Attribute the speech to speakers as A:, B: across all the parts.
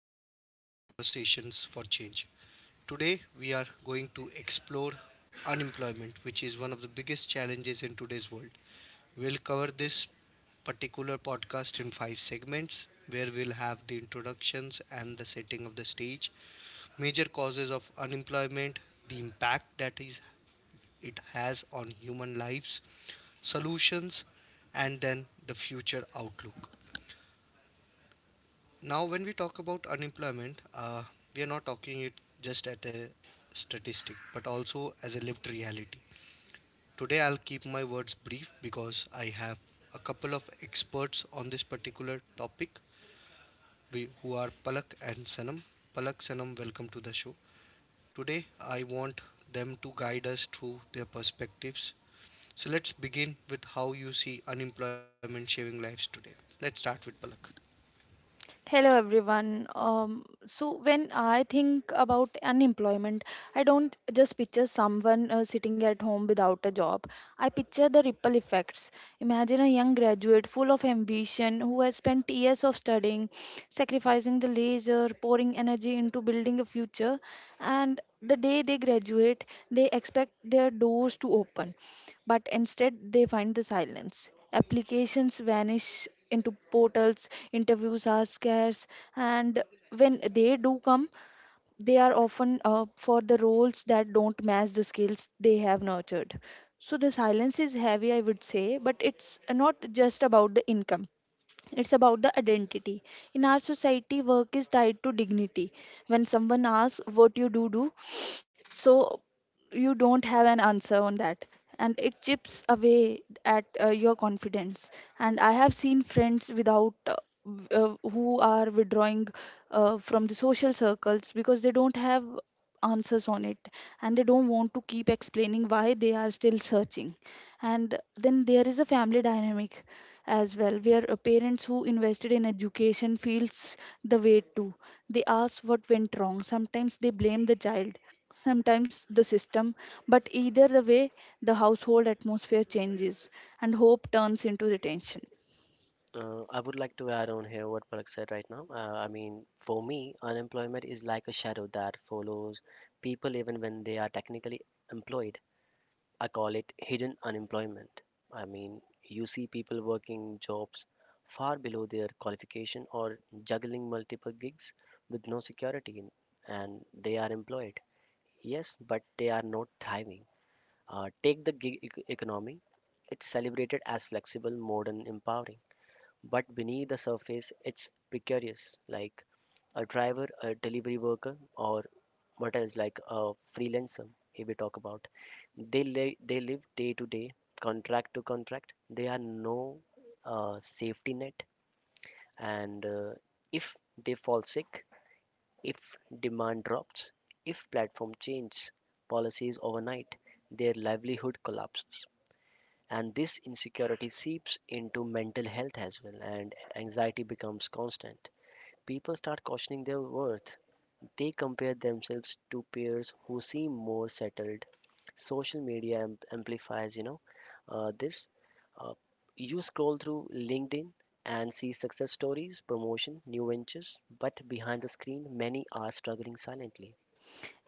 A: podcast, Conversations for Change. Today we are going to explore unemployment, which is one of the biggest challenges in today's world. We'll cover this particular podcast in five segments where we'll have the introductions and the setting of the stage, major causes of unemployment, the impact that is it has on human lives, solutions, and then the future outlook. Now, when we talk about unemployment, we are not talking it just at a statistic, but also as a lived reality. Today, I'll keep my words brief because I have a couple of experts on this particular topic, who are Palak and Sanam. Palak, Sanam, welcome to the show. Today, I want them to guide us through their perspectives. So, let's begin with how you see unemployment shaving lives today. Let's start with Palak.
B: Hello everyone. So when I think about unemployment, I don't just picture someone sitting at home without a job. I picture the ripple effects. Imagine a young graduate full of ambition who has spent years of studying, sacrificing the leisure, pouring energy into building a future, and the day they graduate, they expect their doors to open. But instead they find the silence. Applications vanish into portals, interviews are scarce, and when they do come, they are often for the roles that don't match the skills they have nurtured. So the silence is heavy, I would say, but it's not just about the income. It's about the identity. In our society, work is tied to dignity. When someone asks what you do, so you don't have an answer on that, and it chips away at your confidence. And I have seen friends without who are withdrawing from the social circles because they don't have answers on it, and they don't want to keep explaining why they are still searching. And then there is a family dynamic as well, where parents who invested in education feels the weight too. They ask what went wrong. Sometimes they blame the child, sometimes the system, but either the way, the household atmosphere changes and hope turns into retention.
C: I would like to add on here what Palak said right now. I mean, for me, unemployment is like a shadow that follows people even when they are technically employed. I call it hidden unemployment. I mean, you see people working jobs far below their qualification or juggling multiple gigs with no security. And they are employed. Yes, but they are not thriving. Take the gig economy. It's celebrated as flexible, modern, empowering, but beneath the surface, it's precarious, like a driver, a delivery worker, or what else, like a freelancer, if we talk about. They live day to day, contract to contract. They are no safety net. And If they fall sick, if demand drops, if platform changes policies overnight, their livelihood collapses, and this insecurity seeps into mental health as well, and anxiety becomes constant. People start questioning their worth. They compare themselves to peers who seem more settled. Social media amplifies, you know this uh, you scroll through LinkedIn and see success stories, promotion, new ventures, but behind the screen, many are struggling silently.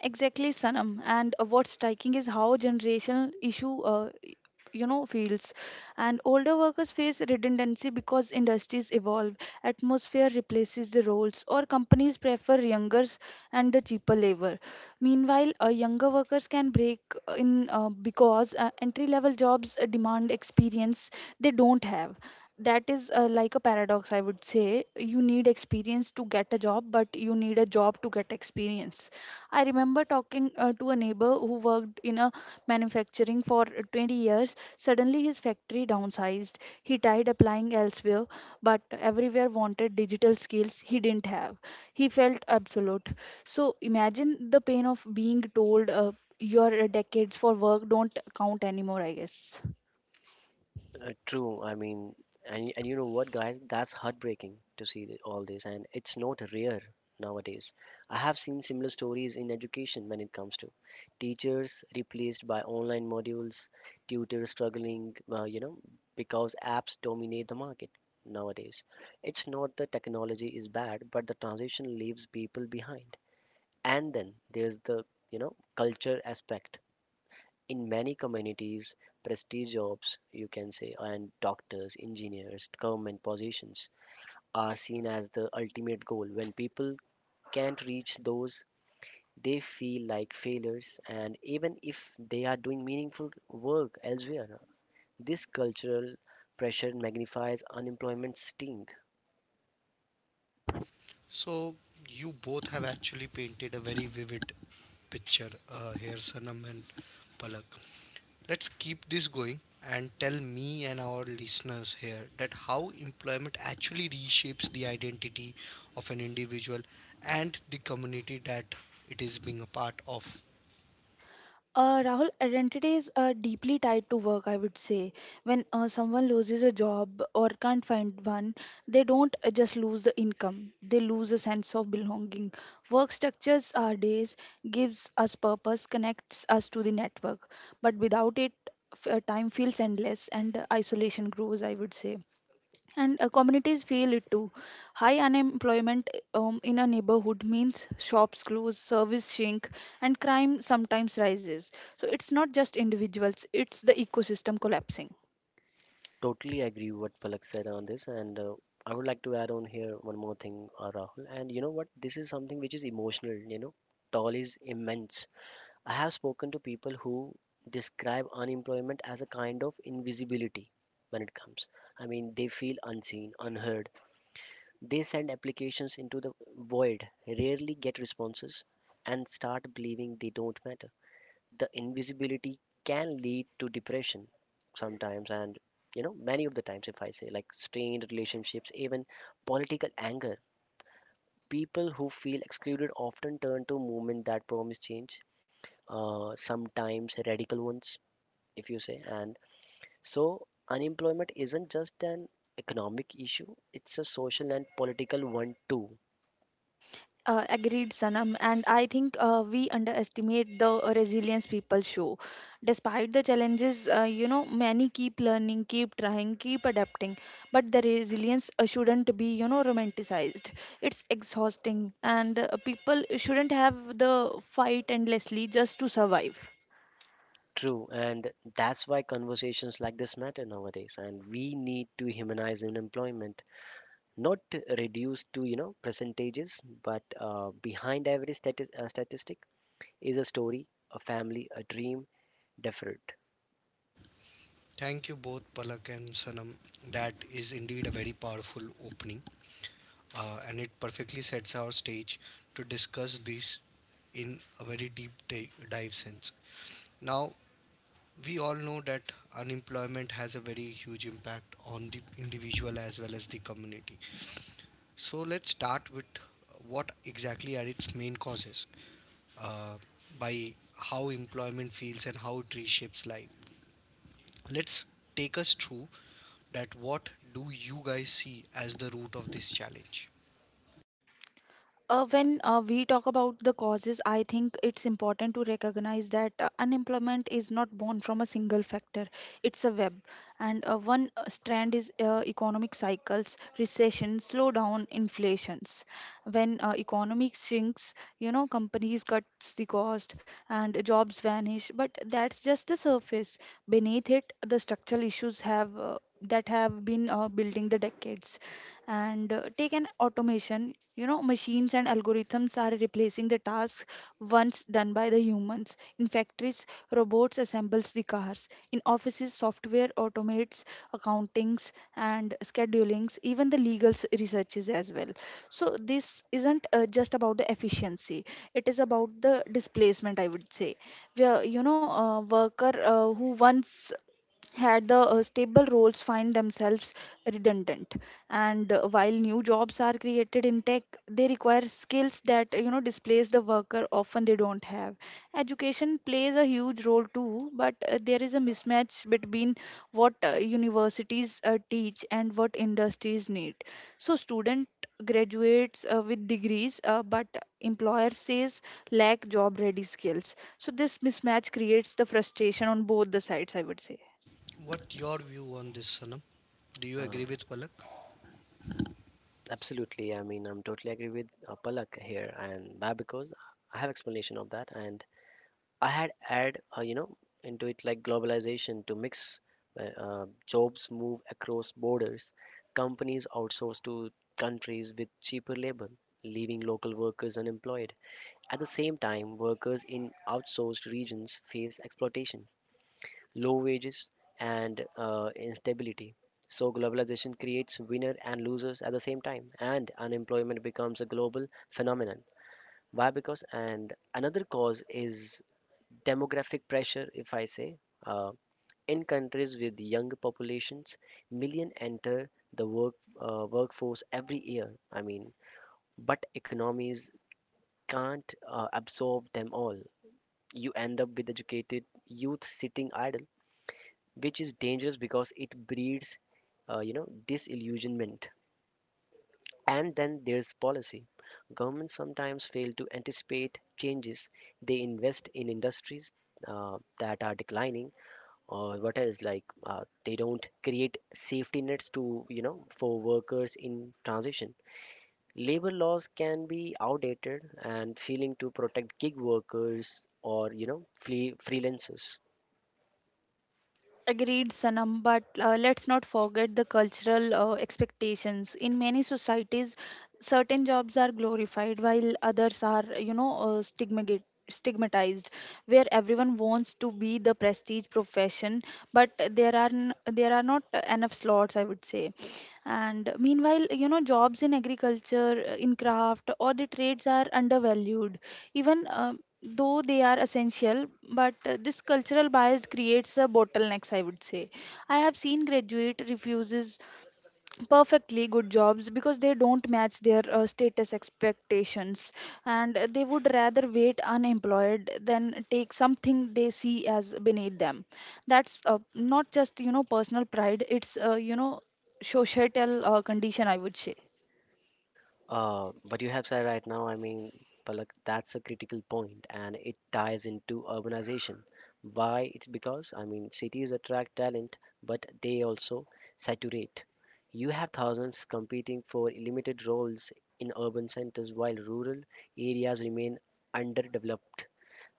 B: Exactly, Sanam. And what's striking is how generational issue, you know, feels. And older workers face redundancy because industries evolve, atmosphere replaces the roles, or companies prefer younger and the cheaper labor. Meanwhile, younger workers can break in because entry-level jobs demand experience they don't have. That is like a paradox, I would say. You need experience to get a job, but you need a job to get experience. I remember talking to a neighbor who worked in a manufacturing for 20 years. Suddenly, his factory downsized. He tried applying elsewhere, but everywhere wanted digital skills he didn't have. He felt absolute. So, imagine the pain of being told your decades for work don't count anymore, I guess.
C: True. I mean, and you know what, guys? That's heartbreaking to see all this, and it's not rare nowadays. I have seen similar stories in education when it comes to teachers replaced by online modules, tutors struggling, you know, because apps dominate the market nowadays. It's not the technology is bad, but the transition leaves people behind. And then there's the, you know, culture aspect. In many communities, prestige jobs, you can say, and doctors, engineers, government positions are seen as the ultimate goal. When people can't reach those, they feel like failures, and even if they are doing meaningful work elsewhere, this cultural pressure magnifies unemployment sting.
A: So you both have actually painted a very vivid picture here, Sanam and Palak. Let's keep this going and tell me and our listeners here that how employment actually reshapes the identity of an individual and the community that it is being a part of.
B: Rahul, identity is deeply tied to work, I would say. When someone loses a job or can't find one, they don't just lose the income, they lose a sense of belonging. Work structures our days, gives us purpose, connects us to the network. But without it, time feels endless, and isolation grows, I would say. And communities feel it too. High unemployment in a neighborhood means shops close, service shrink, and crime sometimes rises. So it's not just individuals, it's the ecosystem collapsing.
C: Totally agree what Palak said on this, and I would like to add on here one more thing, Rahul. And you know what, this is something which is emotional. You know, toll is immense. I have spoken to people who describe unemployment as a kind of invisibility when it comes. I mean, they feel unseen, unheard. They send applications into the void, rarely get responses, and start believing they don't matter. The invisibility can lead to depression sometimes, and you know, many of the times, if I say, like strained relationships, even political anger. People who feel excluded often turn to movement that promise change, sometimes radical ones if you say. And so unemployment isn't just an economic issue, it's a social and political one too.
B: Agreed, Sanam. And I think we underestimate the resilience people show. Despite the challenges, you know, many keep learning, keep trying, keep adapting. But the resilience shouldn't be, you know, romanticized. It's exhausting, and people shouldn't have the fight endlessly just to survive.
C: True, and that's why conversations like this matter nowadays, and we need to humanize unemployment, not reduce to, you know, percentages, but behind every statistic is a story, a family, a dream deferred.
A: Thank you both, Palak and Sanam. That is indeed a very powerful opening, and it perfectly sets our stage to discuss this in a very deep dive sense. Now, we all know that unemployment has a very huge impact on the individual as well as the community. So, let's start with what exactly are its main causes uh, by how employment feels and how it reshapes life. Let's take us through that what do you guys see as the root of this challenge?
B: When we talk about the causes, I think it's important to recognize that unemployment is not born from a single factor. It's a web, and one strand is economic cycles, recession, slowdown, inflations. When economic shrinks, you know, companies cuts the cost and jobs vanish. But that's just the surface. Beneath it, the structural issues have that have been building the decades. And take an automation, you know, machines and algorithms are replacing the tasks once done by the humans. In factories, robots assembles the cars. In offices, software automates accountings and schedulings, even the legal researches as well. So this isn't just about the efficiency, it is about the displacement, I would say, where you know a worker who once had the stable roles find themselves redundant. And while new jobs are created in tech, they require skills that you know displace the worker often they don't have. Education plays a huge role too, but there is a mismatch between what universities teach and what industries need. So student graduates with degrees, but employer says lack job ready skills. So this mismatch creates the frustration on both the sides, I would say.
A: What your view on this, Sanam? Do you
C: uh,
A: agree with Palak?
C: Absolutely. I mean, I'm totally agree with Palak here, and why I have explanation of that. And I had add, you know, into it like globalization to mix. Jobs move across borders, companies outsource to countries with cheaper labor, leaving local workers unemployed. At the same time, workers in outsourced regions face exploitation, low wages, and instability. So globalization creates winners and losers at the same time, and unemployment becomes a global phenomenon. Why? Because and another cause is demographic pressure, if I say. uh, in countries with young populations, million enter the workforce every year, I mean, but economies can't absorb them all. You end up with educated youth sitting idle, which is dangerous because it breeds, you know, disillusionment. And then there's policy. Governments sometimes fail to anticipate changes. They invest in industries that are declining, or what else, like they don't create safety nets to, you know, for workers in transition. Labor laws can be outdated and failing to protect gig workers or, you know, freelancers.
B: Agreed, Sanam, but let's not forget the cultural expectations. In many societies, certain jobs are glorified while others are, you know, stigmatized, where everyone wants to be the prestige profession but there are not enough slots, I would say. And meanwhile, you know, jobs in agriculture, in craft, or the trades are undervalued, even though they are essential. But this cultural bias creates a bottlenecks, I would say. I have seen graduate refuses perfectly good jobs because they don't match their status expectations, and they would rather wait unemployed than take something they see as beneath them. That's not just you know personal pride, it's you know societal condition, I would say.
C: What you have said right now, I mean, Palak, that's a critical point, and it ties into urbanization. Why? It's because, I mean, cities attract talent, but they also saturate. You have thousands competing for limited roles in urban centers, while rural areas remain underdeveloped.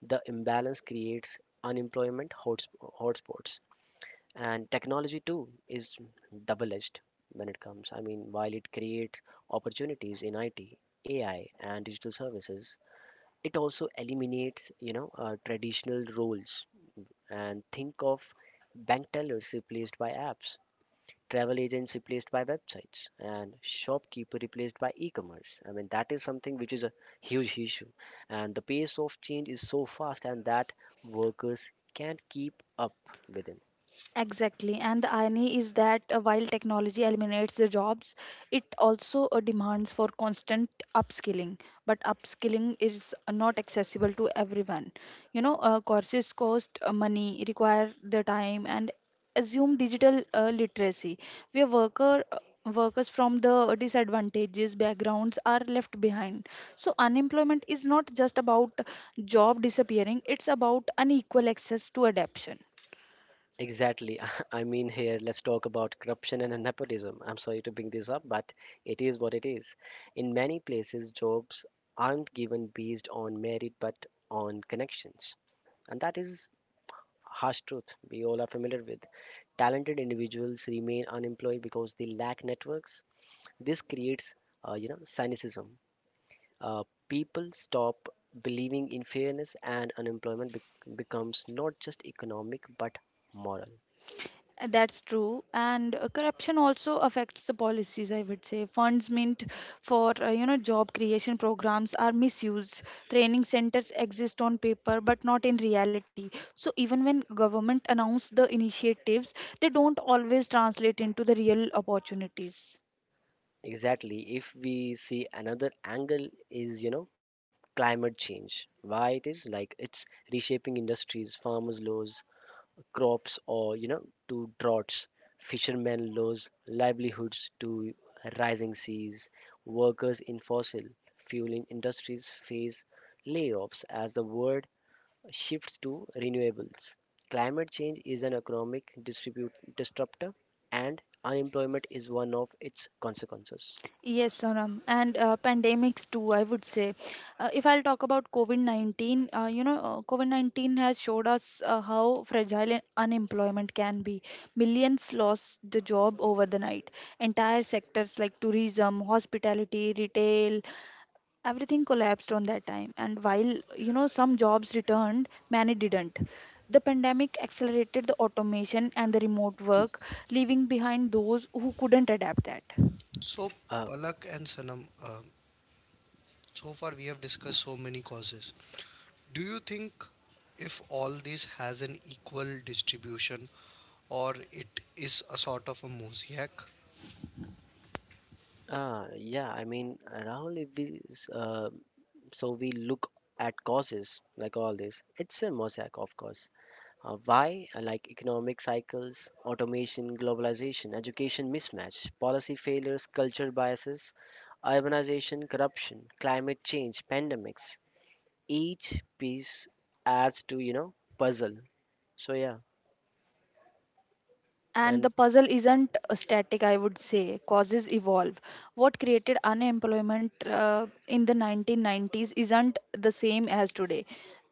C: The imbalance creates unemployment hotspots. And technology too is double edged when it comes. I mean, while it creates opportunities in IT, AI and digital services, it also eliminates, you know, traditional roles. And think of bank tellers replaced by apps, travel agents replaced by websites, and shopkeeper replaced by e-commerce. I mean, that is something which is a huge issue, and the pace of change is so fast and that workers can't keep up with it.
B: Exactly, and the irony is that while technology eliminates the jobs, it also demands for constant upskilling. But upskilling is not accessible to everyone. You know, courses cost money, require the time, and assume digital literacy. Where workers from the disadvantages backgrounds are left behind. So unemployment is not just about job disappearing; it's about unequal access to adaptation.
C: Exactly. I mean, here, let's talk about corruption and nepotism. I'm sorry to bring this up, but it is what it is. In many places, jobs aren't given based on merit but on connections. And that is harsh truth we all are familiar with. Talented individuals remain unemployed because they lack networks. This creates, you know, cynicism. People stop believing in fairness, and unemployment becomes not just economic but moral.
B: That's true, and corruption also affects the policies. I would say funds meant for you know job creation programs are misused. Training centers exist on paper but not in reality. So even when government announce the initiatives, they don't always translate into the real opportunities.
C: Exactly. If we see another angle is, you know, climate change. Why it is like it's reshaping industries. Farmers' laws, crops, or you know, to droughts, fishermen laws, livelihoods to rising seas, workers in fossil fueling industries face layoffs as the world shifts to renewables. Climate change is an economic distribute disruptor, and unemployment is one of its consequences.
B: Yes, Sonam, and pandemics too, I would say. If I'll talk about COVID-19, you know, COVID-19 has showed us how fragile and unemployment can be. Millions lost the job over the night. Entire sectors like tourism, hospitality, retail, everything collapsed on that time. And while, you know, some jobs returned, many didn't. The pandemic accelerated the automation and the remote work, leaving behind those who couldn't adapt that.
A: So,
C: Uh,
A: Palak and Sanam, so far we have discussed so many causes. Do you think if all this has an equal distribution or it is a sort of a mosaic?
C: Ah, yeah, I mean, Rahul, if we, s- so we look at causes like all this, it's a mosaic, of course. Why? Like economic cycles, automation, globalization, education mismatch, policy failures, cultural biases, urbanization, corruption, climate change, pandemics. Each piece adds to, you know, puzzle. So yeah,
B: And
C: and
B: the puzzle isn't static, I would say. Causes evolve. What created unemployment in the 1990s isn't the same as today.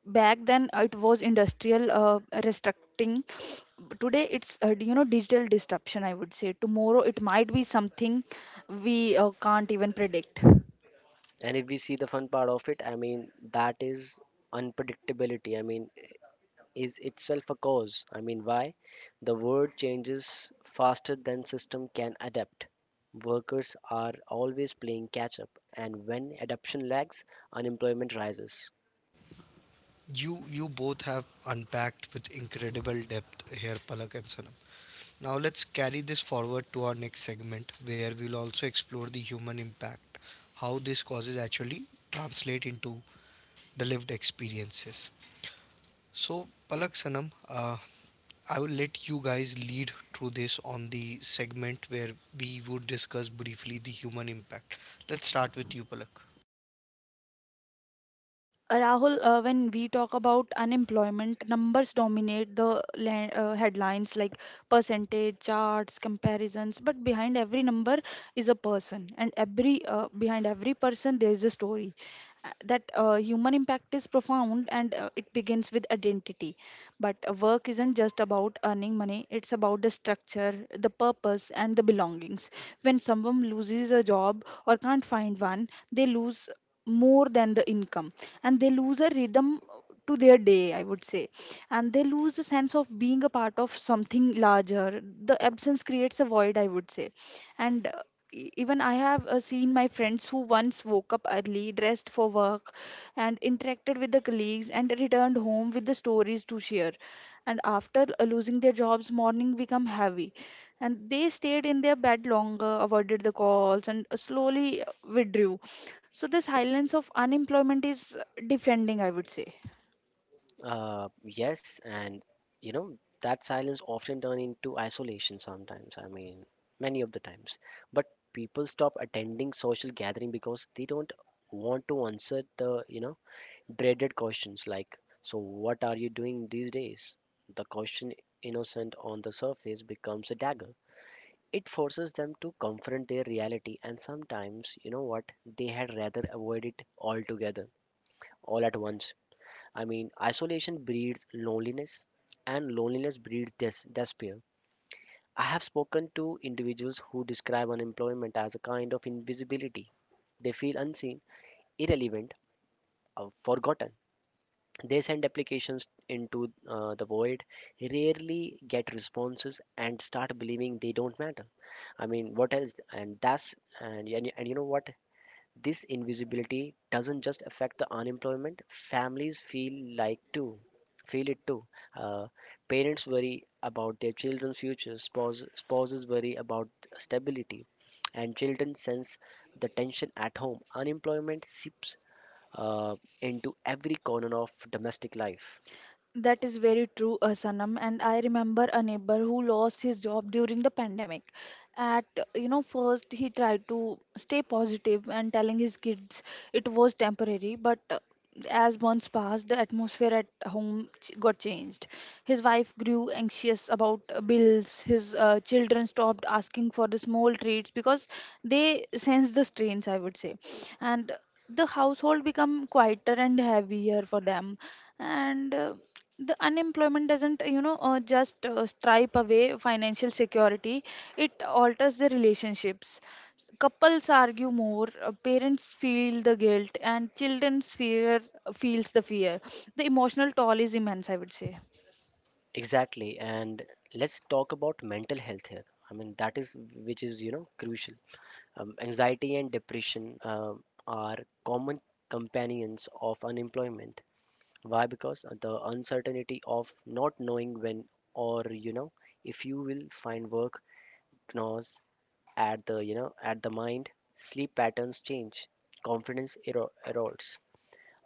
B: Back then, it was industrial restructuring. Today, it's you know digital disruption. I would say tomorrow it might be something we can't even predict.
C: and if we see the fun part of it, I mean, that is unpredictability. I mean, is itself a cause. I mean, why? The world changes faster than system can adapt. Workers are always playing catch up, and when adoption lags, unemployment rises.
A: You both have unpacked with incredible depth here, Palak and Sanam. Now let's carry this forward to our next segment where we'll also explore the human impact, how these causes actually translate into the lived experiences. So Palak Sanam, I will let you guys lead through this on the segment where we would discuss briefly the human impact. Let's start with you, Palak.
B: Rahul, when we talk about unemployment, numbers dominate the headlines like percentage, charts, comparisons. But behind every number is a person, and every behind every person there is a story. That human impact is profound, and it begins with identity. But work isn't just about earning money; it's about the structure, the purpose, and the belongings. When someone loses a job or can't find one, they lose more than the income, and they lose a rhythm to their day, I would say. And they lose the sense of being a part of something larger. The absence creates a void, I would say. And even I have seen my friends who once woke up early, dressed for work, and interacted with the colleagues, and returned home with the stories to share. And after losing their jobs, morning become heavy, and they stayed in their bed longer, avoided the calls, and slowly withdrew. So, this silence of unemployment is defending, I would say.
C: Yes, and you know that silence often turn into isolation sometimes. I mean, many of the times. But people stop attending social gathering because they don't want to answer the, you know, dreaded questions like, "So what are you doing these days?" The question, innocent on the surface, becomes a dagger. It forces them to confront their reality, and sometimes, you know what, they had rather avoid it altogether, all at once. I mean, isolation breeds loneliness, and loneliness breeds despair. I have spoken to individuals who describe unemployment as a kind of invisibility. They feel unseen, irrelevant, or forgotten. They send applications into the void, rarely get responses, and start believing they don't matter. I mean, what else? And that's and you know what? This invisibility doesn't just affect the unemployment, families feel it too. Uh, Parents worry about their children's futures, spouses worry about stability, and children sense the tension at home. Unemployment seeps uh, into every corner of domestic life.
B: That is very true, Sanam. And I remember a neighbor who lost his job during the pandemic. At you know, first he tried to stay positive and telling his kids it was temporary, but as months passed, the atmosphere at home got changed. His wife grew anxious about bills. His children stopped asking for the small treats because they sensed the strains, I would say, and the household become quieter and heavier for them. And the unemployment doesn't you know just stripe away financial security, it alters the relationships. Couples argue more, parents feel the guilt and children's fear feels the fear. The emotional toll is immense, I would say.
C: Exactly, and let's talk about mental health here. I mean, that is which is, you know, crucial. Anxiety and depression are common companions of unemployment. Why? Because the uncertainty of not knowing when or, you know, if you will find work gnaws at the you know at the mind. Sleep patterns change. Confidence erodes.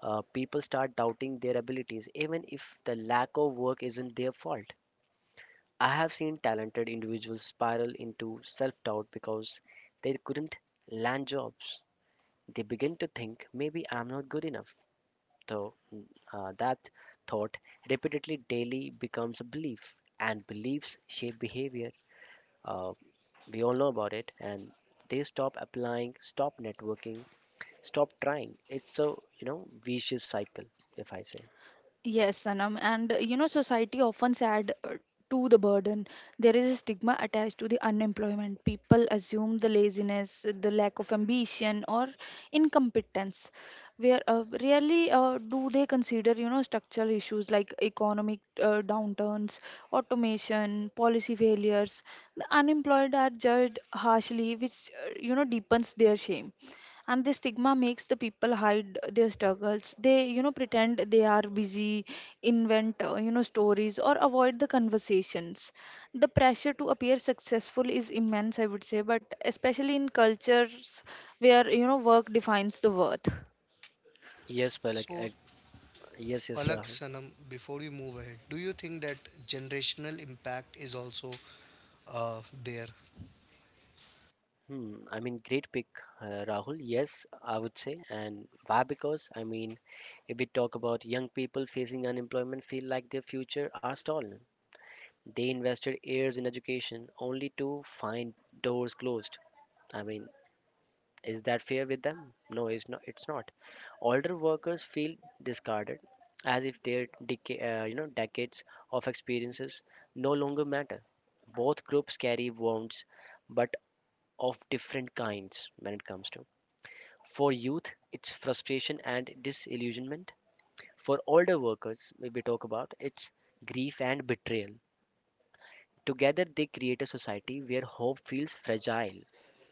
C: People start doubting their abilities, even if the lack of work isn't their fault. I have seen talented individuals spiral into self doubt because they couldn't land jobs. They begin to think maybe I'm not good enough, though that thought repeatedly daily becomes a belief, and beliefs shape behavior. Uh, we all know about it, and they stop applying, stop networking, stop trying. It's a, you know, vicious cycle, if I say.
B: Yes, Sanam, and you know, society often add to the burden. There is a stigma attached to the unemployment. People assume the laziness, the lack of ambition, or incompetence. Where rarely do they consider, you know, structural issues like economic downturns, automation, policy failures. The unemployed are judged harshly, which you know deepens their shame. And the stigma makes the people hide their struggles, they you know pretend they are busy, invent you know stories or avoid the conversations. The pressure to appear successful is immense, I would say, but especially in cultures where you know work defines the worth.
C: Yes, Palak.
A: So,
C: I, yes, yes,
A: Palak
C: Ra.
A: Sanam, before you move ahead, do you think that generational impact is also there?
C: Hmm, I mean, great pick, Rahul. Yes, I would say. And why? Because, I mean, if we talk about young people facing unemployment, feel like their future are stolen. They invested years in education only to find doors closed. I mean, is that fair with them? No, it's not. It's not. Older workers feel discarded, as if their you know decades of experiences no longer matter. Both groups carry wounds, but of different kinds when it comes to. For youth, it's frustration and disillusionment. For older workers, we talk about it's grief and betrayal. Together, they create a society where hope feels fragile.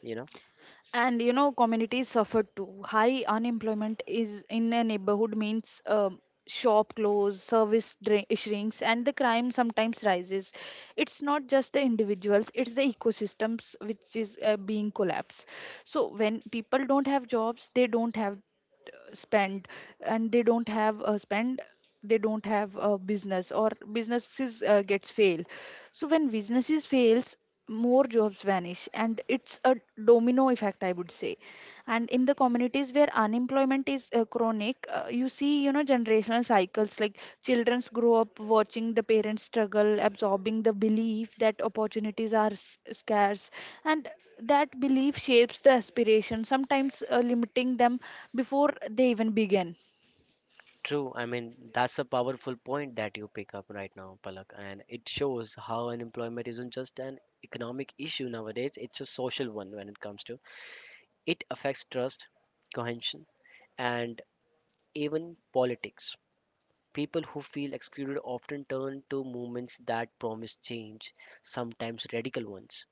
C: You know,
B: And you know, communities suffer too. High unemployment is in a neighborhood means shop close, shrinks, and the crime sometimes rises. It's not just the individuals; it's the ecosystems which is being collapsed. So when people don't have jobs, they don't have spend, and they don't have a business, or businesses gets fail. So when businesses fails, more jobs vanish, and it's a domino effect, I would say. And in the communities where unemployment is chronic, you see, you know, generational cycles like children grow up watching the parents struggle, absorbing the belief that opportunities are scarce, and that belief shapes the aspiration, sometimes limiting them before they even begin.
C: true. I mean, that's a powerful point that you pick up right now, Palak, and it shows how unemployment isn't just an economic issue nowadays; it's a social one when it comes to. It affects trust, cohesion, and even politics. People who feel excluded often turn to movements that promise change, sometimes radical ones.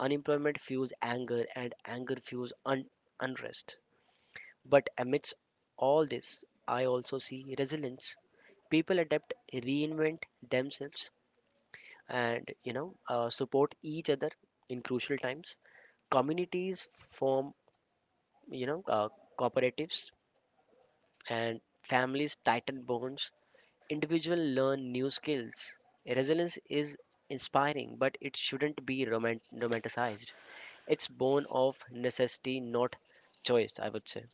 C: Unemployment fuels anger, and anger fuels unrest. But amidst all this, I also see resilience. People adapt, reinvent themselves, and support each other in crucial times. Communities form, you know, uh, cooperatives, and families tighten bonds individuals learn new skills. Resilience is inspiring, but it shouldn't be romanticized. It's born of necessity, not choice, I would say.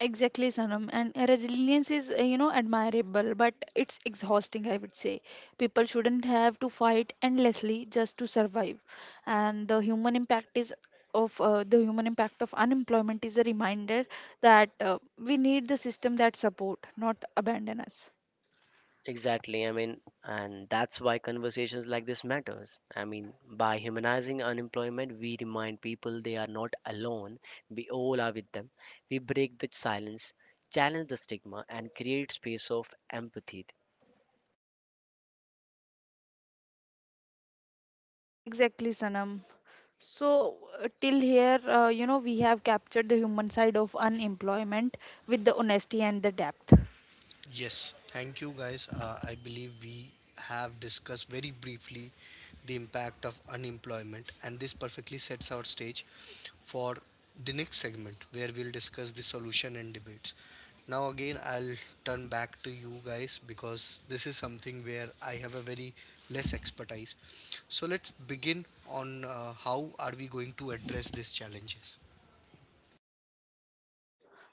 B: Exactly, Sanam. And resilience is, you know, admirable, but it's exhausting, I would say. People shouldn't have to fight endlessly just to survive. And the human impact of unemployment is a reminder that we need the system that support, not abandon us.
C: Exactly. I mean, and that's why conversations like this matters. I mean, by humanizing unemployment, we remind people they are not alone. We all are with them. We break the silence, challenge the stigma, and create space of empathy.
B: Exactly, Sanam. So, till here, you know, we have captured the human side of unemployment with the honesty and the depth.
A: Yes, thank you guys. I believe we have discussed very briefly the impact of unemployment, and this perfectly sets our stage for the next segment where we'll discuss the solution and debates. Now, again, I'll turn back to you guys because this is something where I have a very less expertise. So, let's begin on how are we going to address these challenges.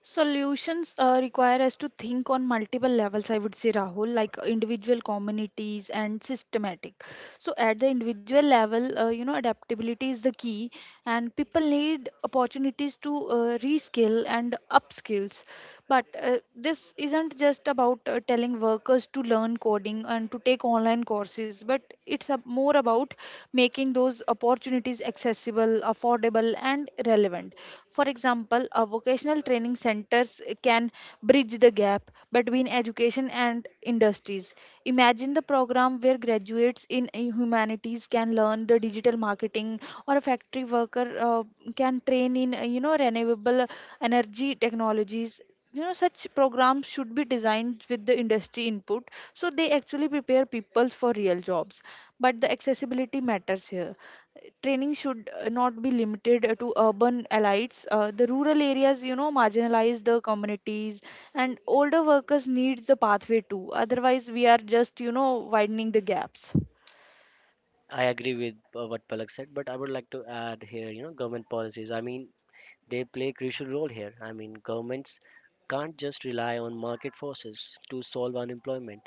B: Solutions require us to think on multiple levels, I would say, Rahul, like individual communities and systematic. So, at the individual level, you know, adaptability is the key, and people need opportunities to reskill and upskills. But this isn't just about telling workers to learn coding and to take online courses, but it's a, more about making those opportunities accessible, affordable, and relevant. For example, a vocational training centers can bridge the gap between education and industries. Imagine the program where graduates in humanities can learn the digital marketing or a factory worker can train in you know renewable energy technologies. You know, such programs should be designed with the industry input so they actually prepare people for real jobs, but the accessibility matters here. Training should not be limited to urban elites, the rural areas, you know, marginalize the communities, and older workers needs the pathway too. Otherwise we are just, you know, widening the gaps.
C: I agree with what Palak said, but I would like to add here, government policies. I mean, they play a crucial role here. I mean, governments can't just rely on market forces to solve unemployment.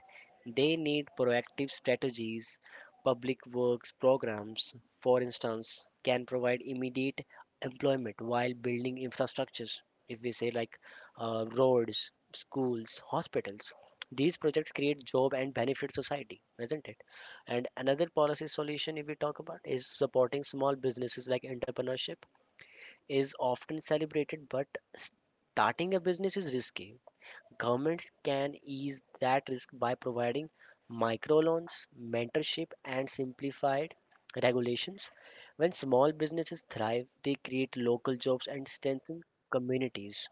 C: They need proactive strategies. Public works programs, for instance, can provide immediate employment while building infrastructures. If we say like roads, schools, hospitals, these projects create job and benefit society, isn't it? And another policy solution, if we talk about, is supporting small businesses like entrepreneurship is often celebrated, but starting a business is risky. Governments can ease that risk by providing microloans, mentorship, and simplified regulations. When small businesses thrive, they create local jobs and strengthen communities.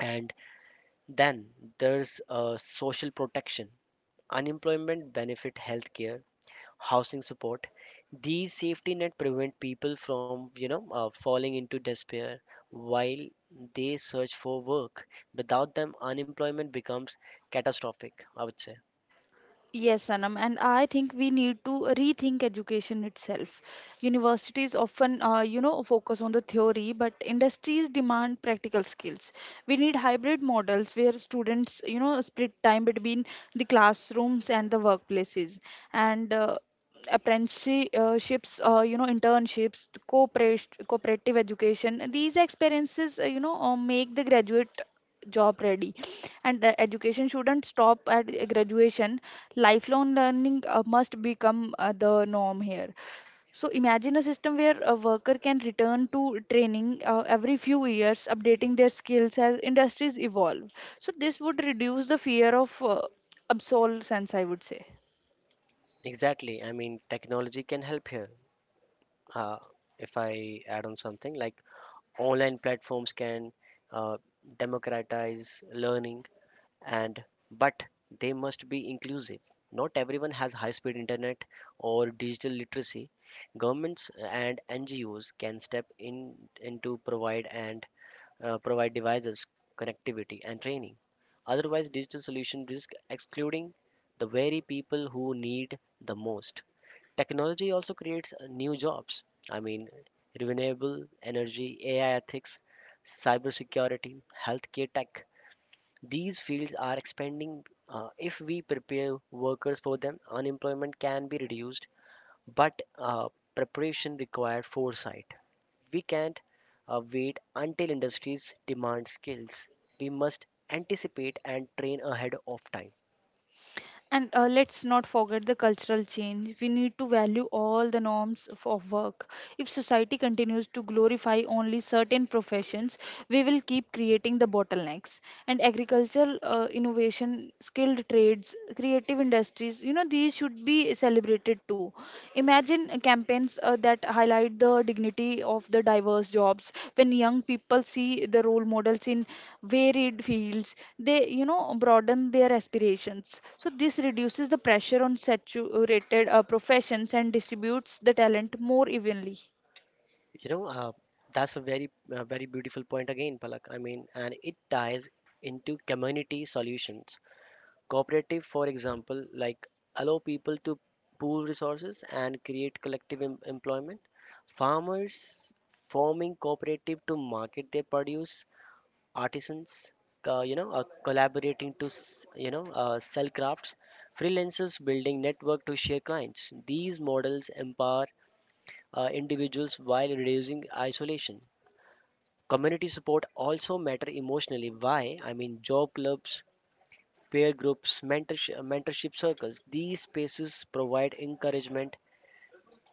C: And then there's social protection, unemployment benefit, healthcare housing support. These safety net prevent people from, falling into despair while they search for work. Without them, unemployment becomes catastrophic, I would say.
B: Yes, Sanam, and I think we need to rethink education itself. Universities often, you know, focus on the theory, but industries demand practical skills. We need hybrid models where students, you know, split time between the classrooms and the workplaces, and apprenticeships, you know, internships, cooperative education. These experiences, you know, make the graduate job ready, and the education shouldn't stop at graduation. Lifelong learning must become the norm here. So imagine a system where a worker can return to training every few years, updating their skills as industries evolve. So this would reduce the fear of obsolescence, I would say.
C: Exactly. I mean, technology can help here. Uh, if I add on something like online platforms can uh, democratize learning. And but they must be inclusive. Not everyone has high speed internet or digital literacy. Governments and NGOs can step in, into provide and provide devices, connectivity, and training. Otherwise, digital solutions risk excluding the very people who need the most. Technology also creates new jobs. I mean, renewable energy, AI ethics, cybersecurity, healthcare tech, these fields are expanding. If we prepare workers for them, unemployment can be reduced, but preparation required foresight. We can't wait until industries demand skills. We must anticipate and train ahead of time.
B: And let's not forget the cultural change. We need to value all the norms of work. If society continues to glorify only certain professions, we will keep creating the bottlenecks, and agricultural innovation, skilled trades, creative industries, you know, these should be celebrated too. Imagine campaigns that highlight the dignity of the diverse jobs. When young people see the role models in varied fields, they, you know, broaden their aspirations. So, this reduces the pressure on saturated professions and distributes the talent more evenly.
C: You know, uh, that's a very, very beautiful point again, Palak. I mean, and it ties into community solutions. Cooperative, for example, like allow people to pool resources and create collective employment. Farmers forming cooperative to market their produce. Artisans, collaborating to sell crafts. Freelancers building network to share clients. These models empower individuals while reducing isolation. Community support also matter emotionally. Why? I mean, job clubs peer groups, mentorship circles. These spaces provide encouragement,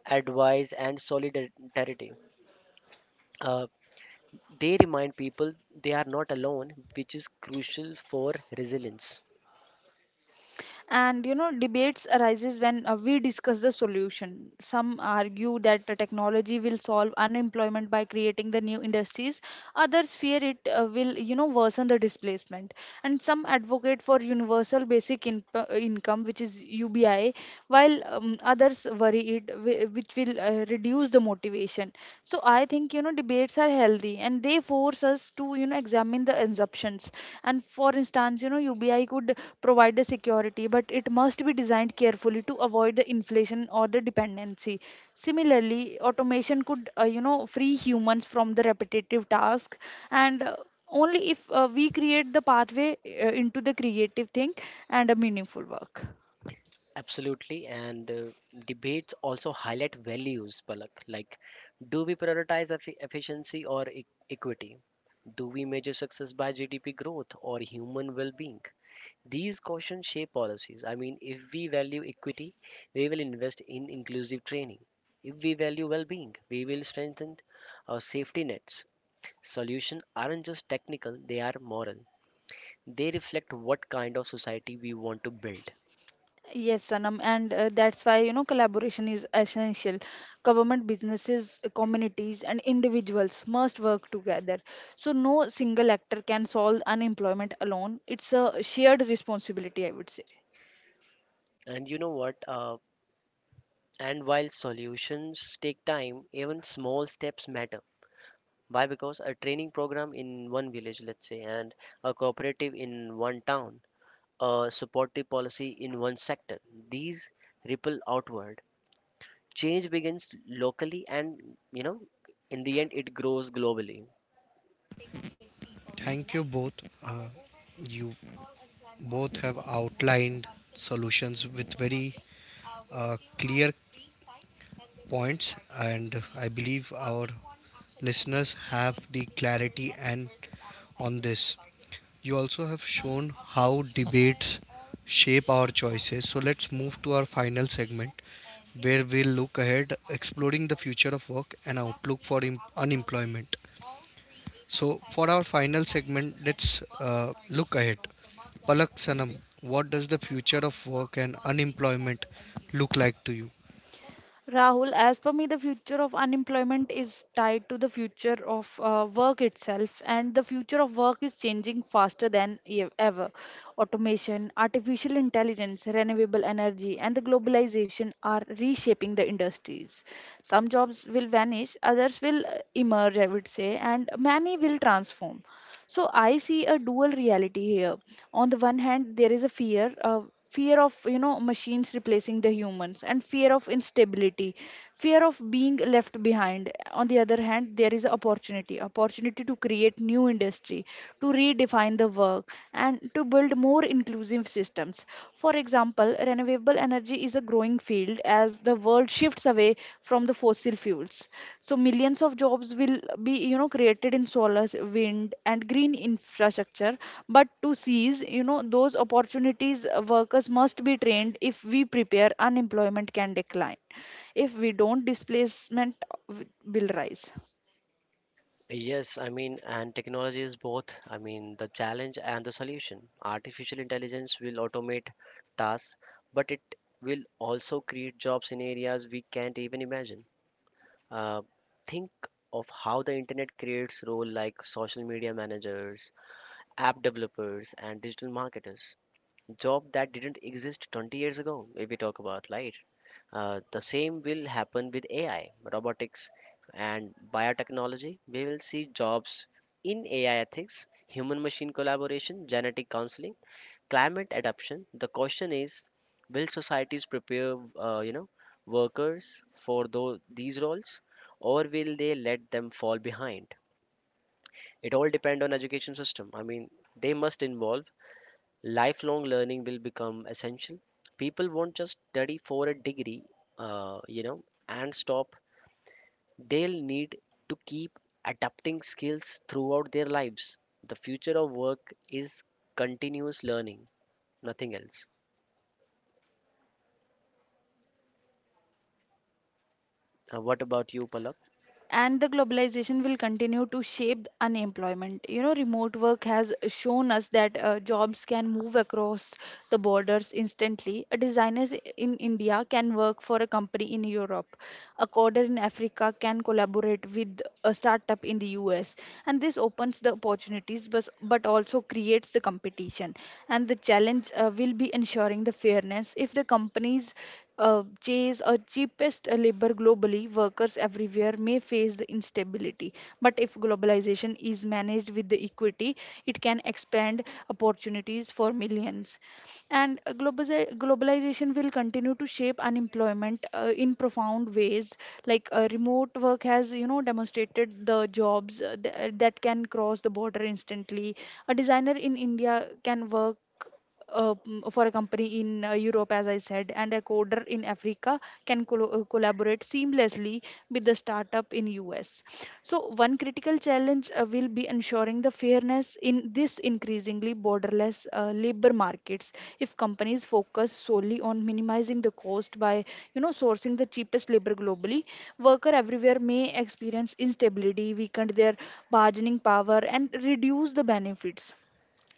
C: advice, and solidarity. Uh, they remind people they are not alone, which is crucial for resilience.
B: And you know, debates arises when we discuss the solution. Some argue that the technology will solve unemployment by creating the new industries, others fear it will, you know, worsen the displacement, and some advocate for universal basic income, which is UBI, while others worry it which will reduce the motivation. So I think, you know, debates are healthy and they force us to, you know, examine the assumptions. And for instance, you know, UBI could provide the security, but it must be designed carefully to avoid the inflation or the dependency. Similarly, automation could you know, free humans from the repetitive task, and only if we create the pathway into the creative thing and a meaningful work.
C: Absolutely, and debates also highlight values, Palak. Like, do we prioritize efficiency or equity? Do we measure success by GDP growth or human well being? These questions shape policies. I mean, if we value equity, we will invest in inclusive training. If we value well being, we will strengthen our safety nets. Solutions aren't just technical, they are moral. They reflect what kind of society we want to build.
B: Yes, Sanam, and that's why, you know, collaboration is essential. Government, businesses, communities, and individuals must work together. So no single actor can solve unemployment alone. It's a shared responsibility, I would say.
C: And you know what? And while solutions take time, even small steps matter. Why? Because a training program in one village, let's say, and a cooperative in one town, a supportive policy in one sector, these ripple outward. Change begins locally and, you know, in the end, it grows globally.
A: Thank you both. Uh, you both have outlined solutions with very clear points, and I believe our listeners have the clarity and on this. You also have shown how debates shape our choices, so let's move to our final segment where we'll look ahead exploring the future of work and outlook for unemployment. So, for our final segment, let's look ahead. Palak Sanam, what does the future of work and unemployment look like to you?
B: Rahul, as per me, the future of unemployment is tied to the future of work itself, and the future of work is changing faster than ever. Automation, artificial intelligence, renewable energy, and the globalization are reshaping the industries. Some jobs will vanish, others will emerge, I would say, and many will transform. So I see a dual reality here. On the one hand, there is a fear, fear of, you know, machines replacing the humans, and fear of instability, fear of being left behind. On the other hand, there is a opportunity to create new industry, to redefine the work, and to build more inclusive systems. For example, renewable energy is a growing field as the world shifts away from the fossil fuels plants. So millions of jobs will be, you know, created in solar wind and green infrastructure. But to seize, you know, those opportunities workers must be trained. If we prepare, unemployment can decline. If we don't, displacement will rise.
C: Yes, I mean, and technology is both, I mean, the challenge and the solution. Artificial intelligence will automate tasks, but it will also create jobs in areas we can't even imagine. Uh, think of how the internet creates roles like social media managers, app developers, and digital marketers. Job that didn't exist 20 years ago, if we talk about, right? The same will happen with AI, robotics, and biotechnology. We will see jobs in AI ethics, human machine collaboration, genetic counseling, climate adaptation. The question is will societies prepare uh, you know workers for these roles, or will they let them fall behind? It all depends on education system. I mean, they must involve lifelong learning will become essential. People won't just study for a degree uh, you know and stop. They'll need to keep adapting skills throughout their lives. The future of work is continuous learning, nothing else. What about you, Palak?
B: And the globalization will continue to shape unemployment. You know, remote work has shown us that jobs can move across the borders instantly. A designer in India can work for a company in Europe, a coder in Africa can collaborate with a startup in the US, and this opens the opportunity opportunities, but also creates the competition. And the challenge will be ensuring the fairness. If the companies chase a cheapest labor globally, workers everywhere may face the instability. But if globalization is managed with the equity, it can expand opportunities for millions. And globalization will continue to shape unemployment in profound ways. Like remote work has, you know, demonstrated the jobs that can cross the border instantly. A designer in India can work mm, for a company in Europe, as I said, and a coder in Africa can collaborate seamlessly with the startup in US. So, one critical challenge will be ensuring the fairness in this increasingly borderless labor markets. If companies focus solely on minimizing the cost by, you know, sourcing the cheapest labor globally, worker everywhere may experience instability, weaken their bargaining power, and reduce the benefits.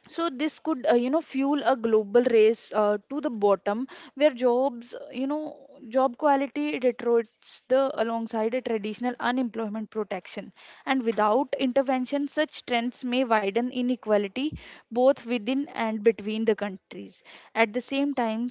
B: So this could you know, fuel a global race to the bottom, where jobs you know, job quality deteriorates the alongside a traditional unemployment protection. And without intervention, such trends may widen inequality both within and between the countries. At the same time,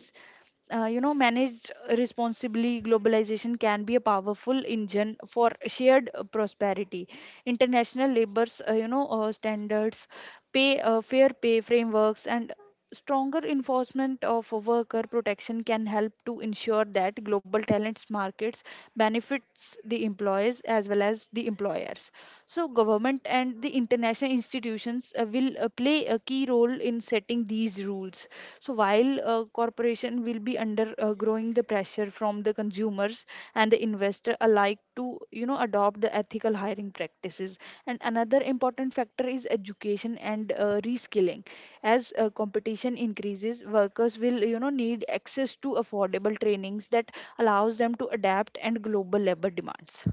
B: you know, managed responsibly, globalization can be a powerful engine for shared prosperity. International labors you know standards, pay fair pay frameworks, and stronger enforcement of worker protection can help to ensure that global talents markets benefits the employees as well as the employers. So government and the international institutions will play a key role in setting these rules. So while corporation will be under growing the pressure from the consumers and the investor alike to, you know, adopt the ethical hiring practices. And another important factor is education and reskilling. As competition increases, workers will, you know, need access to affordable trainings that allows them to adapt and global labor demands.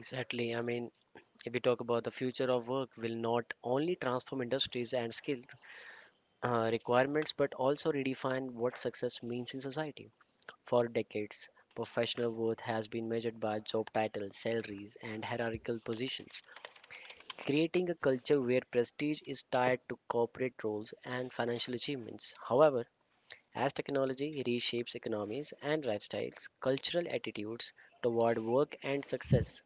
C: Exactly. I mean, if we talk about the future of work will not only transform industries and skill requirements, but also redefine what success means in society. For decades, professional worth has been measured by job titles, salaries, and hierarchical positions, creating a culture where prestige is tied to corporate roles and financial achievements. However, as technology reshapes economies and lifestyles, cultural attitudes toward work and success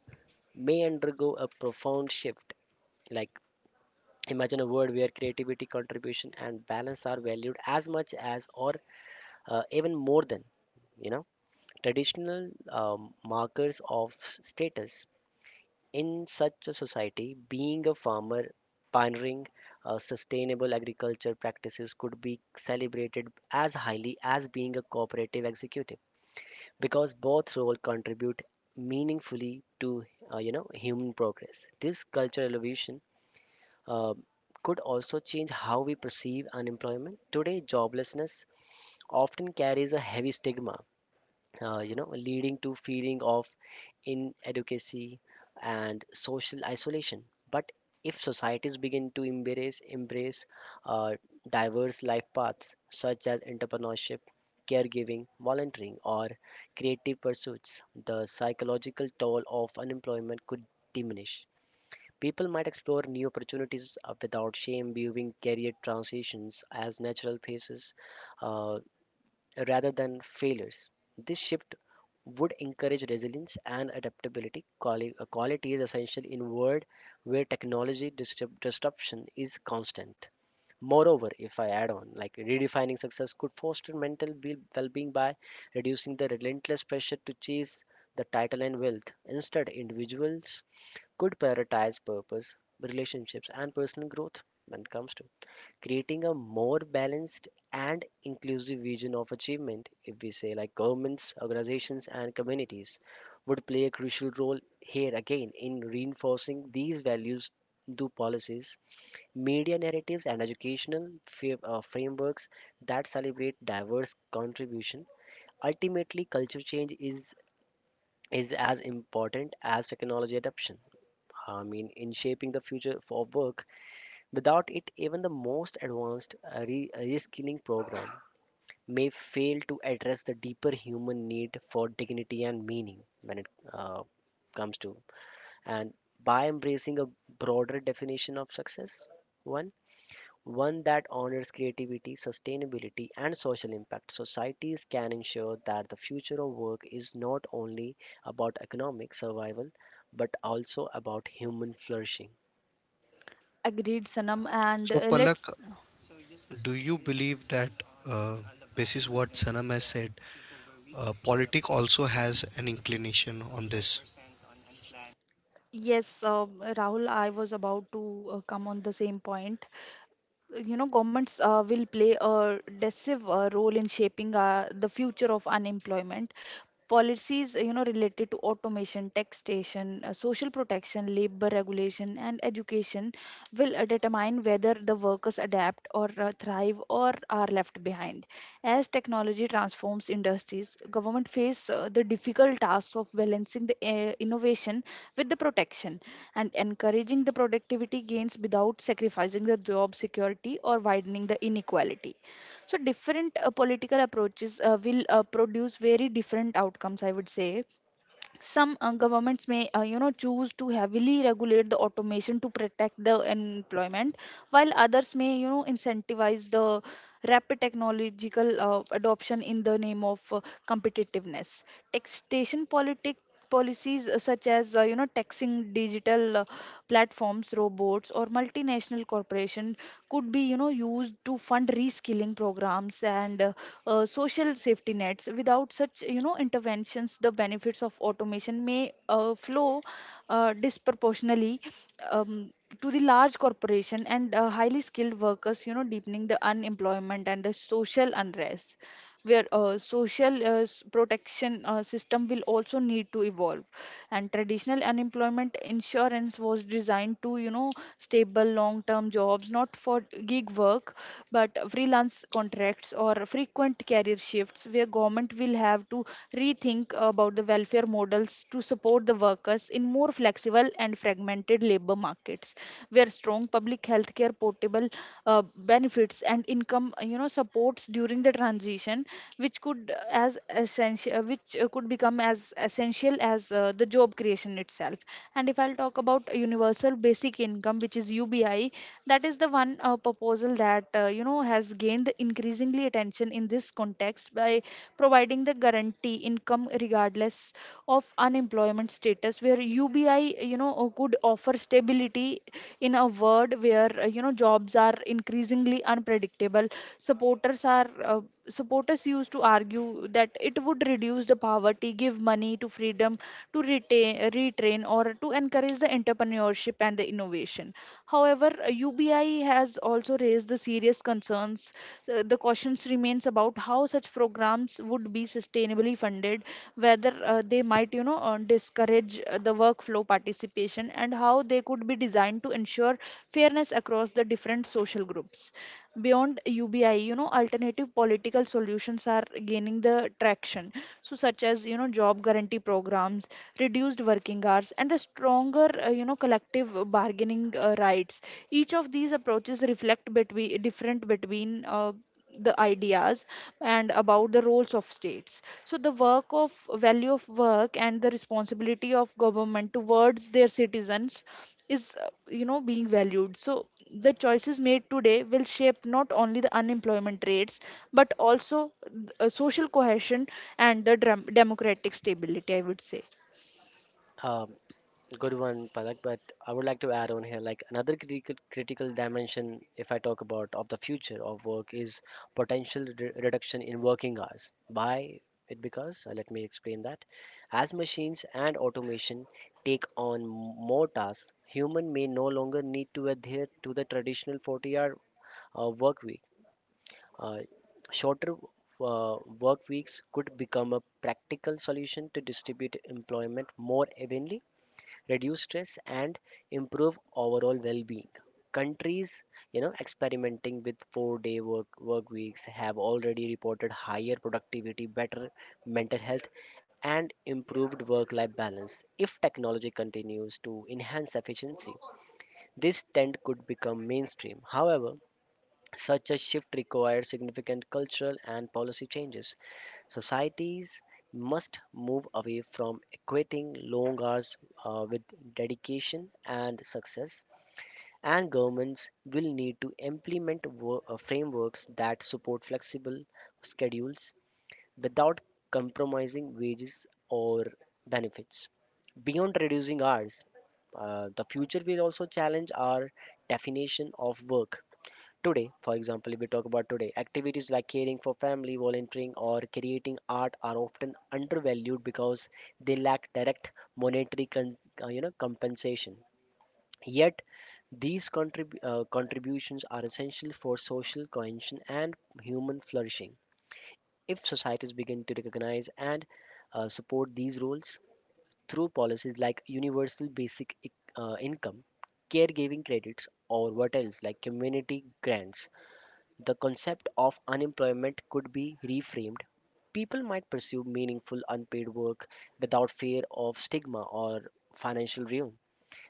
C: may undergo a profound shift. Like, imagine a world where creativity, contribution, and balance are valued as much as or even more than you know traditional markers of status. In such a society, being a farmer, pioneering sustainable agriculture practices could be celebrated as highly as being a cooperative executive, because both roles contribute meaningfully to human progress. This cultural evolution uh, could also change how we perceive unemployment. Today, joblessness often carries a heavy stigma, leading to feeling of inadequacy, and social isolation. But if societies begin to embrace uh, diverse life paths such as entrepreneurship, caregiving, volunteering, or creative pursuits, the psychological toll of unemployment could diminish. People might explore new opportunities without shame, viewing career transitions as natural phases uh, rather than failures. This shift would encourage resilience and adaptability, qualities essential in world where technology disruption is constant. Moreover, if I add on, like redefining success could foster mental well-being by reducing the relentless pressure to chase the title and wealth. Instead, individuals could prioritize purpose, relationships, and personal growth when it comes to creating a more balanced and inclusive vision of achievement. If we say like governments, organizations, and communities would play a crucial role here again in reinforcing these values through policies, media narratives, and educational frameworks that celebrate diverse contribution. Ultimately, culture change is as important as technology adoption, I mean, in shaping the future of work. Without it, even the most advanced reskilling program may fail to address the deeper human need for dignity and meaning when it uh, comes to. And by embracing a broader definition of success, one one that honors creativity, sustainability, and social impact, societies can ensure that the future of work is not only about economic survival but also about human flourishing.
B: Agreed, Sanam. And
A: So, Palak,
B: let's,
A: do you believe that, uh, basis what Sanam has said, politic also has an inclination on this?
B: yes, Rahul, I was about to come on the same point. You know, governments will play a decisive role in shaping the future of unemployment. Policies you know, related to automation, taxation, social protection, labor regulation, and education will determine whether the workers adapt or uh, thrive, or are left behind. As technology transforms industries, government face the difficult task of balancing the innovation with the protection, and encouraging the productivity gains without sacrificing the job security or widening the inequality. So different political approaches will produce very different outcomes, I would say. Some governments may you know, choose to heavily regulate the automation to protect the employment, while others may, you know, incentivize the rapid technological adoption in the name of competitiveness. Taxation politic policies such as you know, taxing digital platforms, robots, or multinational corporations could be, you know, used to fund reskilling programs and uh, social safety nets. Without such, you know, interventions, the benefits of automation may flow disproportionately, um, to the large corporation and highly skilled workers, you know, deepening the unemployment and the social unrest where social protection system will also need to evolve. And traditional unemployment insurance was designed to, you know, stable long term jobs, not for gig work but freelance contracts or frequent career shifts, where government will have to rethink about the welfare models to support the workers in more flexible and fragmented labor markets, where strong public healthcare, portable benefits and income, you know, supports during the transition, which could as essential which could become as essential as the job creation itself. And if I'll talk about universal basic income, which is UBI, that is the one proposal that, you know, has gained increasingly attention in this context by providing the guarantee income regardless of unemployment status, where UBI, you know, could offer stability in a world where, you know, jobs are increasingly unpredictable. supporters are uh, Supporters used to argue that it would reduce the poverty, give money to freedom to retain, retrain, or to encourage the entrepreneurship and the innovation. However, UBI has also raised the serious concerns. So the questions remains about how such programs would be sustainably funded, whether they might, you know, discourage the workflow participation, and how they could be designed to ensure fairness across the different social groups. Beyond UBI, you know, alternative political solutions are gaining the traction. So, such as, you know, job guarantee programs, reduced working hours, and the stronger, you know, collective bargaining rights. Each of these approaches reflect between different between. The ideas and about the roles of states, so the work of value of work and the responsibility of government towards their citizens is, you know, being valued. So the choices made today will shape not only the unemployment rates, but also social cohesion and the democratic stability, I would say.
C: Um, Good one, Palak. But I would like to add on here, like another critical dimension, if I talk about of the future of work, is potential reduction in working hours. Why it? Because let me explain that. As machines and automation take on more tasks, human may no longer need to adhere to the traditional 40-hour work week. Uh, shorter work weeks could become a practical solution to distribute employment more evenly, reduce stress, and improve overall well-being. Countries experimenting with 4-day work weeks have already reported higher productivity, better mental health, and improved work life balance. If technology continues to enhance efficiency, this trend could become mainstream. However, such a shift requires significant cultural and policy changes. Societies must move away from equating long hours with dedication and success, and governments will need to implement frameworks that support flexible schedules without compromising wages or benefits. Beyond reducing hours, the future will also challenge our definition of work. Today, for example, if we talk about today, activities like caring for family, volunteering, or creating art are often undervalued because they lack direct monetary compensation. Yet, these contributions are essential for social cohesion and human flourishing. If societies begin to recognize and support these roles through policies like universal basic income, caregiving credits, or what else like community grants, the concept of unemployment could be reframed. People might pursue meaningful unpaid work without fear of stigma or financial ruin.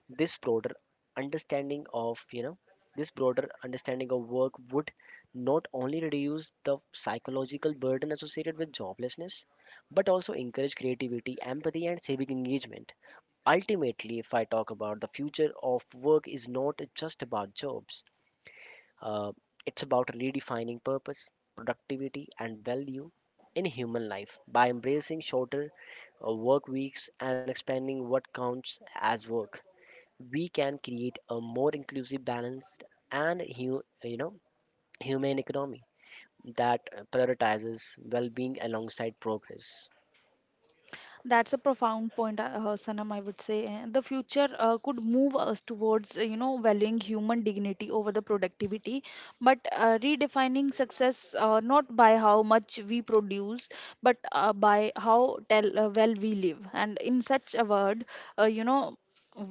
C: This broader understanding of, you know, this broader understanding of work would not only reduce the psychological burden associated with joblessness, but also encourage creativity, empathy, and civic engagement. Ultimately, if I talk about, the future of work is not just about jobs. Uh, it's about redefining purpose, productivity, and value in human life by embracing shorter work weeks and expanding what counts as work. We can create a more inclusive, balanced, and humane economy that prioritizes well-being alongside progress.
B: That's a profound point, Sanam. I would say the future could move us towards, you know, valuing human dignity over the productivity, but redefining success not by how much we produce, but by how tell, well we live. And in such a word, you know,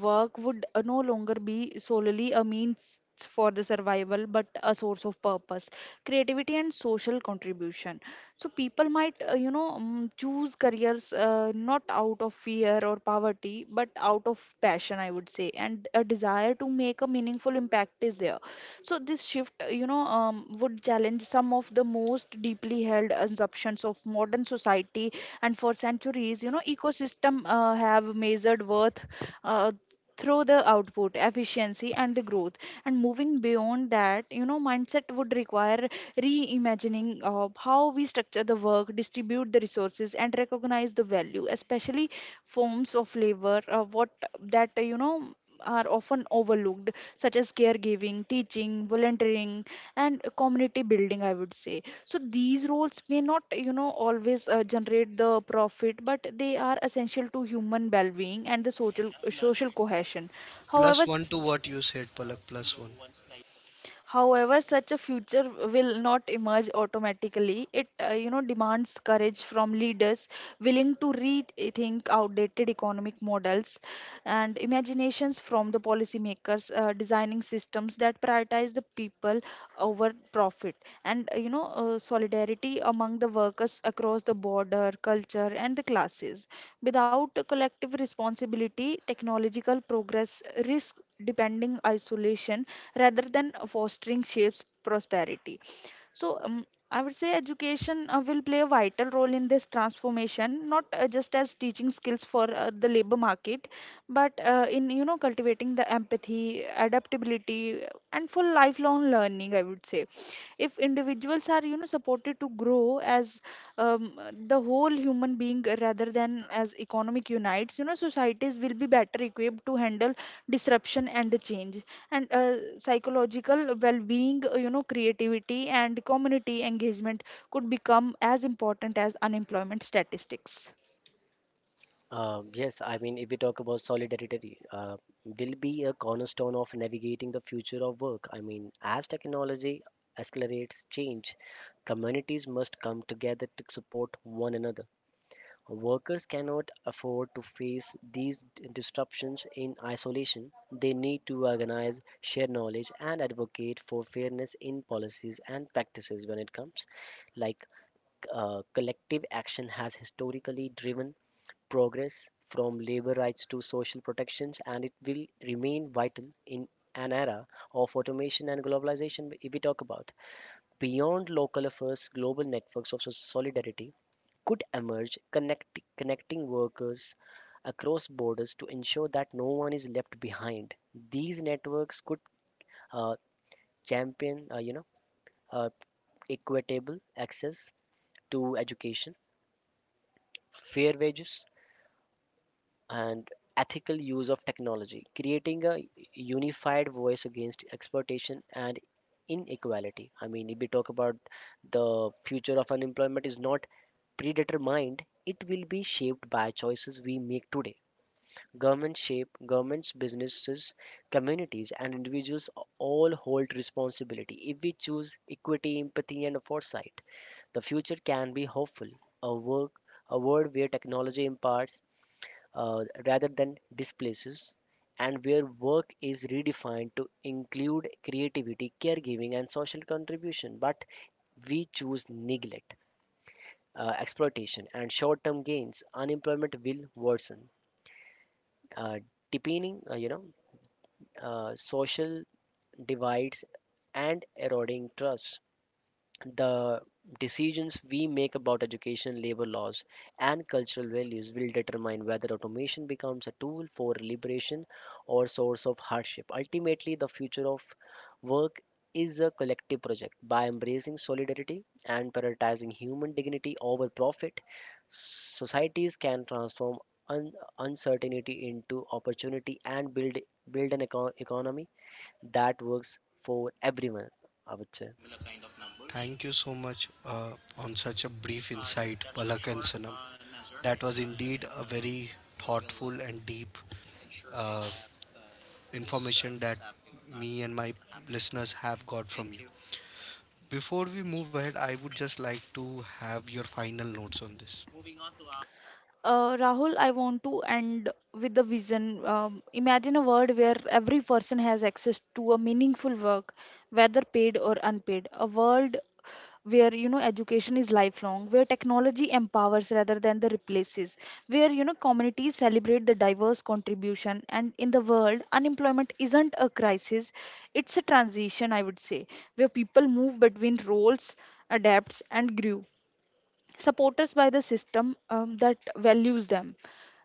B: work would no longer be solely a means for the survival, but a source of purpose, creativity, and social contribution. So people might, you know, choose careers not out of fear or poverty, but out of passion, I would say, and a desire to make a meaningful impact is there. So this shift, you know, would challenge some of the most deeply held assumptions of modern society. And for centuries, you know, ecosystem have measured worth uh, through the output, efficiency, and the growth. And moving beyond that, you know, mindset would require reimagining of how we structure the work, distribute the resources, and recognize the value, especially forms of labor, what that you know, are often overlooked, such as caregiving, teaching, volunteering, and community building, I would say. So these roles may not, you know, always generate the profit, but they are essential to human well-being and the social cohesion.
A: Plus
B: however
A: one
B: s-
A: to what you said, Palak, plus one.
B: However, such a future will not emerge automatically. It, you know, demands courage from leaders willing to rethink outdated economic models, and imaginations from the policymakers designing systems that prioritize the people over profit, and you know, solidarity among the workers across the border, culture, and the classes. Without a collective responsibility, technological progress risks depending isolation rather than fostering shapes prosperity. so um, I would say education will play a vital role in this transformation, not just as teaching skills for the labor market, but in, you know, cultivating the empathy, adaptability, and for lifelong learning, I would say. If individuals are, you know, supported to grow as, um, the whole human being rather than as economic unites, you know, societies will be better equipped to handle disruption and the change. And psychological well-being, you know, creativity and community engagement could become as important as unemployment statistics.
C: Yes, I mean, if we talk about solidarity, will be a cornerstone of navigating the future of work. I mean, as technology accelerates change, communities must come together to support one another. Workers cannot afford to face these disruptions in isolation. They need to organize, share knowledge, and advocate for fairness in policies and practices when it comes. Like collective action has historically driven progress from labor rights to social protections, and it will remain vital in an era of automation and globalization. If we talk about beyond local affairs, global networks of solidarity could emerge, connecting workers across borders to ensure that no one is left behind. These networks could uh, champion, uh, equitable access to education, fair wages, and ethical use of technology, creating a unified voice against exploitation and inequality. I mean, if we talk about the future of unemployment is not predetermined, it will be shaped by choices we make today. Governments, businesses, communities, and individuals all hold responsibility. If we choose equity, empathy, and foresight, the future can be hopeful. A work a world where technology imparts rather than displaces, and where work is redefined to include creativity, caregiving, and social contribution. But we choose neglect, exploitation, and short term gains. Unemployment will worsen, uh, deepening social divides and eroding trust. The decisions we make about education, labor laws, and cultural values will determine whether automation becomes a tool for liberation or source of hardship. Ultimately, the future of work is a collective project. By embracing solidarity and prioritizing human dignity over profit, societies can transform un- uncertainty into opportunity and build an economy that works for everyone. I would say.
A: Similar kind of numbers. Thank you so much on such a brief insight, that's for Palak and sure, Sanam. Nazar. That was indeed a very we will thoughtful and deep ensure we have this, information information that sample. Me and my happening. Listeners have got from thank you. You. Before we move ahead, I would just like to have your final notes on this. Moving on to our
B: Rahul, I want to end with the vision. Imagine a world where every person has access to a meaningful work, whether paid or unpaid. A world where, you know, education is lifelong, where technology empowers rather than the replaces, where, you know, communities celebrate the diverse contribution, and in the world, unemployment isn't a crisis; it's a transition. I would say, where people move between roles, adapts, and grew supporters by the system, that values them.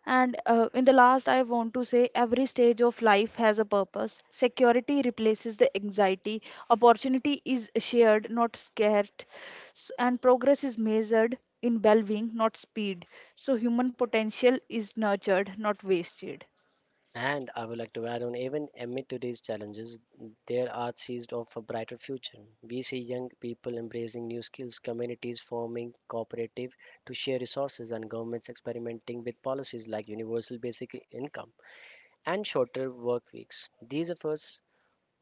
B: And in the last I want to say every stage of life has a purpose, security replaces the anxiety, opportunity is shared not scared, and progress is measured in well-being not speed, so human potential is nurtured not wasted.
C: And I would like to add on, even amid today's challenges, there are sees of a brighter future. We see young people embracing new skills, communities forming cooperative to share resources, and governments experimenting with policies like universal basic income and shorter work weeks. These efforts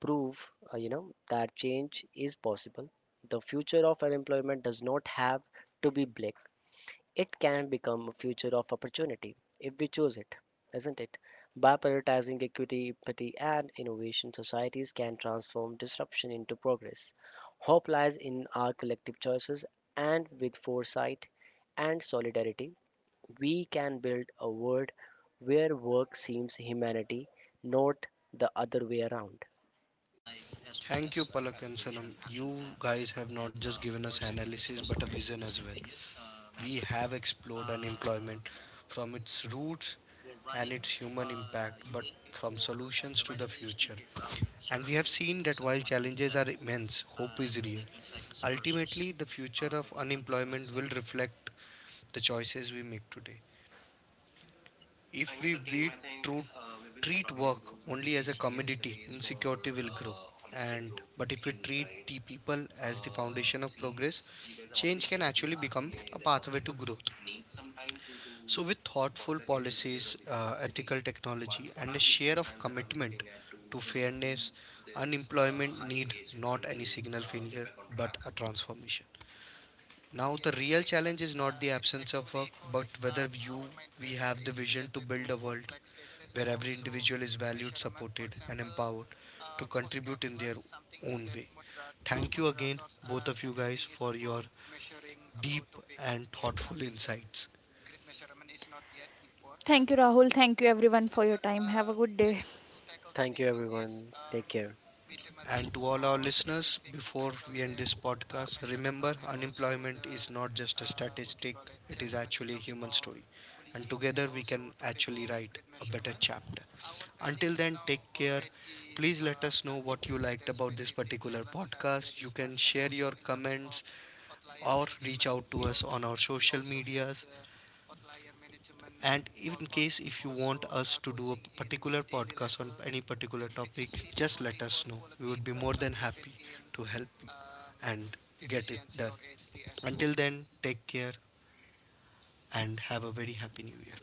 C: prove, that change is possible. The future of unemployment does not have to be black. It can become a future of opportunity if we choose it, isn't it? By prioritizing equity, empathy, and innovation, societies can transform disruption into progress. Hope lies in our collective choices, and with foresight and solidarity, we can build a world where work seems humanity, not the other way around.
A: life as well. Thank you, as, Palak and application Sanam. You action plan. Guys plan, have not. And, just given of us course, analysis but a about vision as well. We have explored unemployment from its roots and its human impact, but from solutions to the future. And we have seen that while challenges are immense, hope is real. Ultimately, the future of unemployment will reflect the choices we make today. If we beat true, treat work only as a commodity, insecurity will grow. And but if we treat the people as the foundation of progress, change can actually become a pathway to growth. So, with thoughtful policies, ethical technology, and a share of commitment to fairness, unemployment need not any signal failure but a transformation. Now, the real challenge is not the absence of work, but whether you we have the vision to build a world where every individual is valued, supported, and empowered to contribute in their own way. Thank you again, both of you guys, for your deep and thoughtful insights.
B: Thank you, Rahul. Thank you everyone for your time. Have a good day.
C: Thank you, everyone. Take care.
A: And to all our listeners, before we end this podcast, remember unemployment is not just a statistic, it is actually a human story. And together we can actually write a better chapter. Until then, take care. Please let us know what you liked about this particular podcast. You can share your comments or reach out to us on our social medias, and in case if you want us to do a particular podcast on any particular topic, just let us know. We would be more than happy to help you and get it done. Until then, take care and have a very happy new year.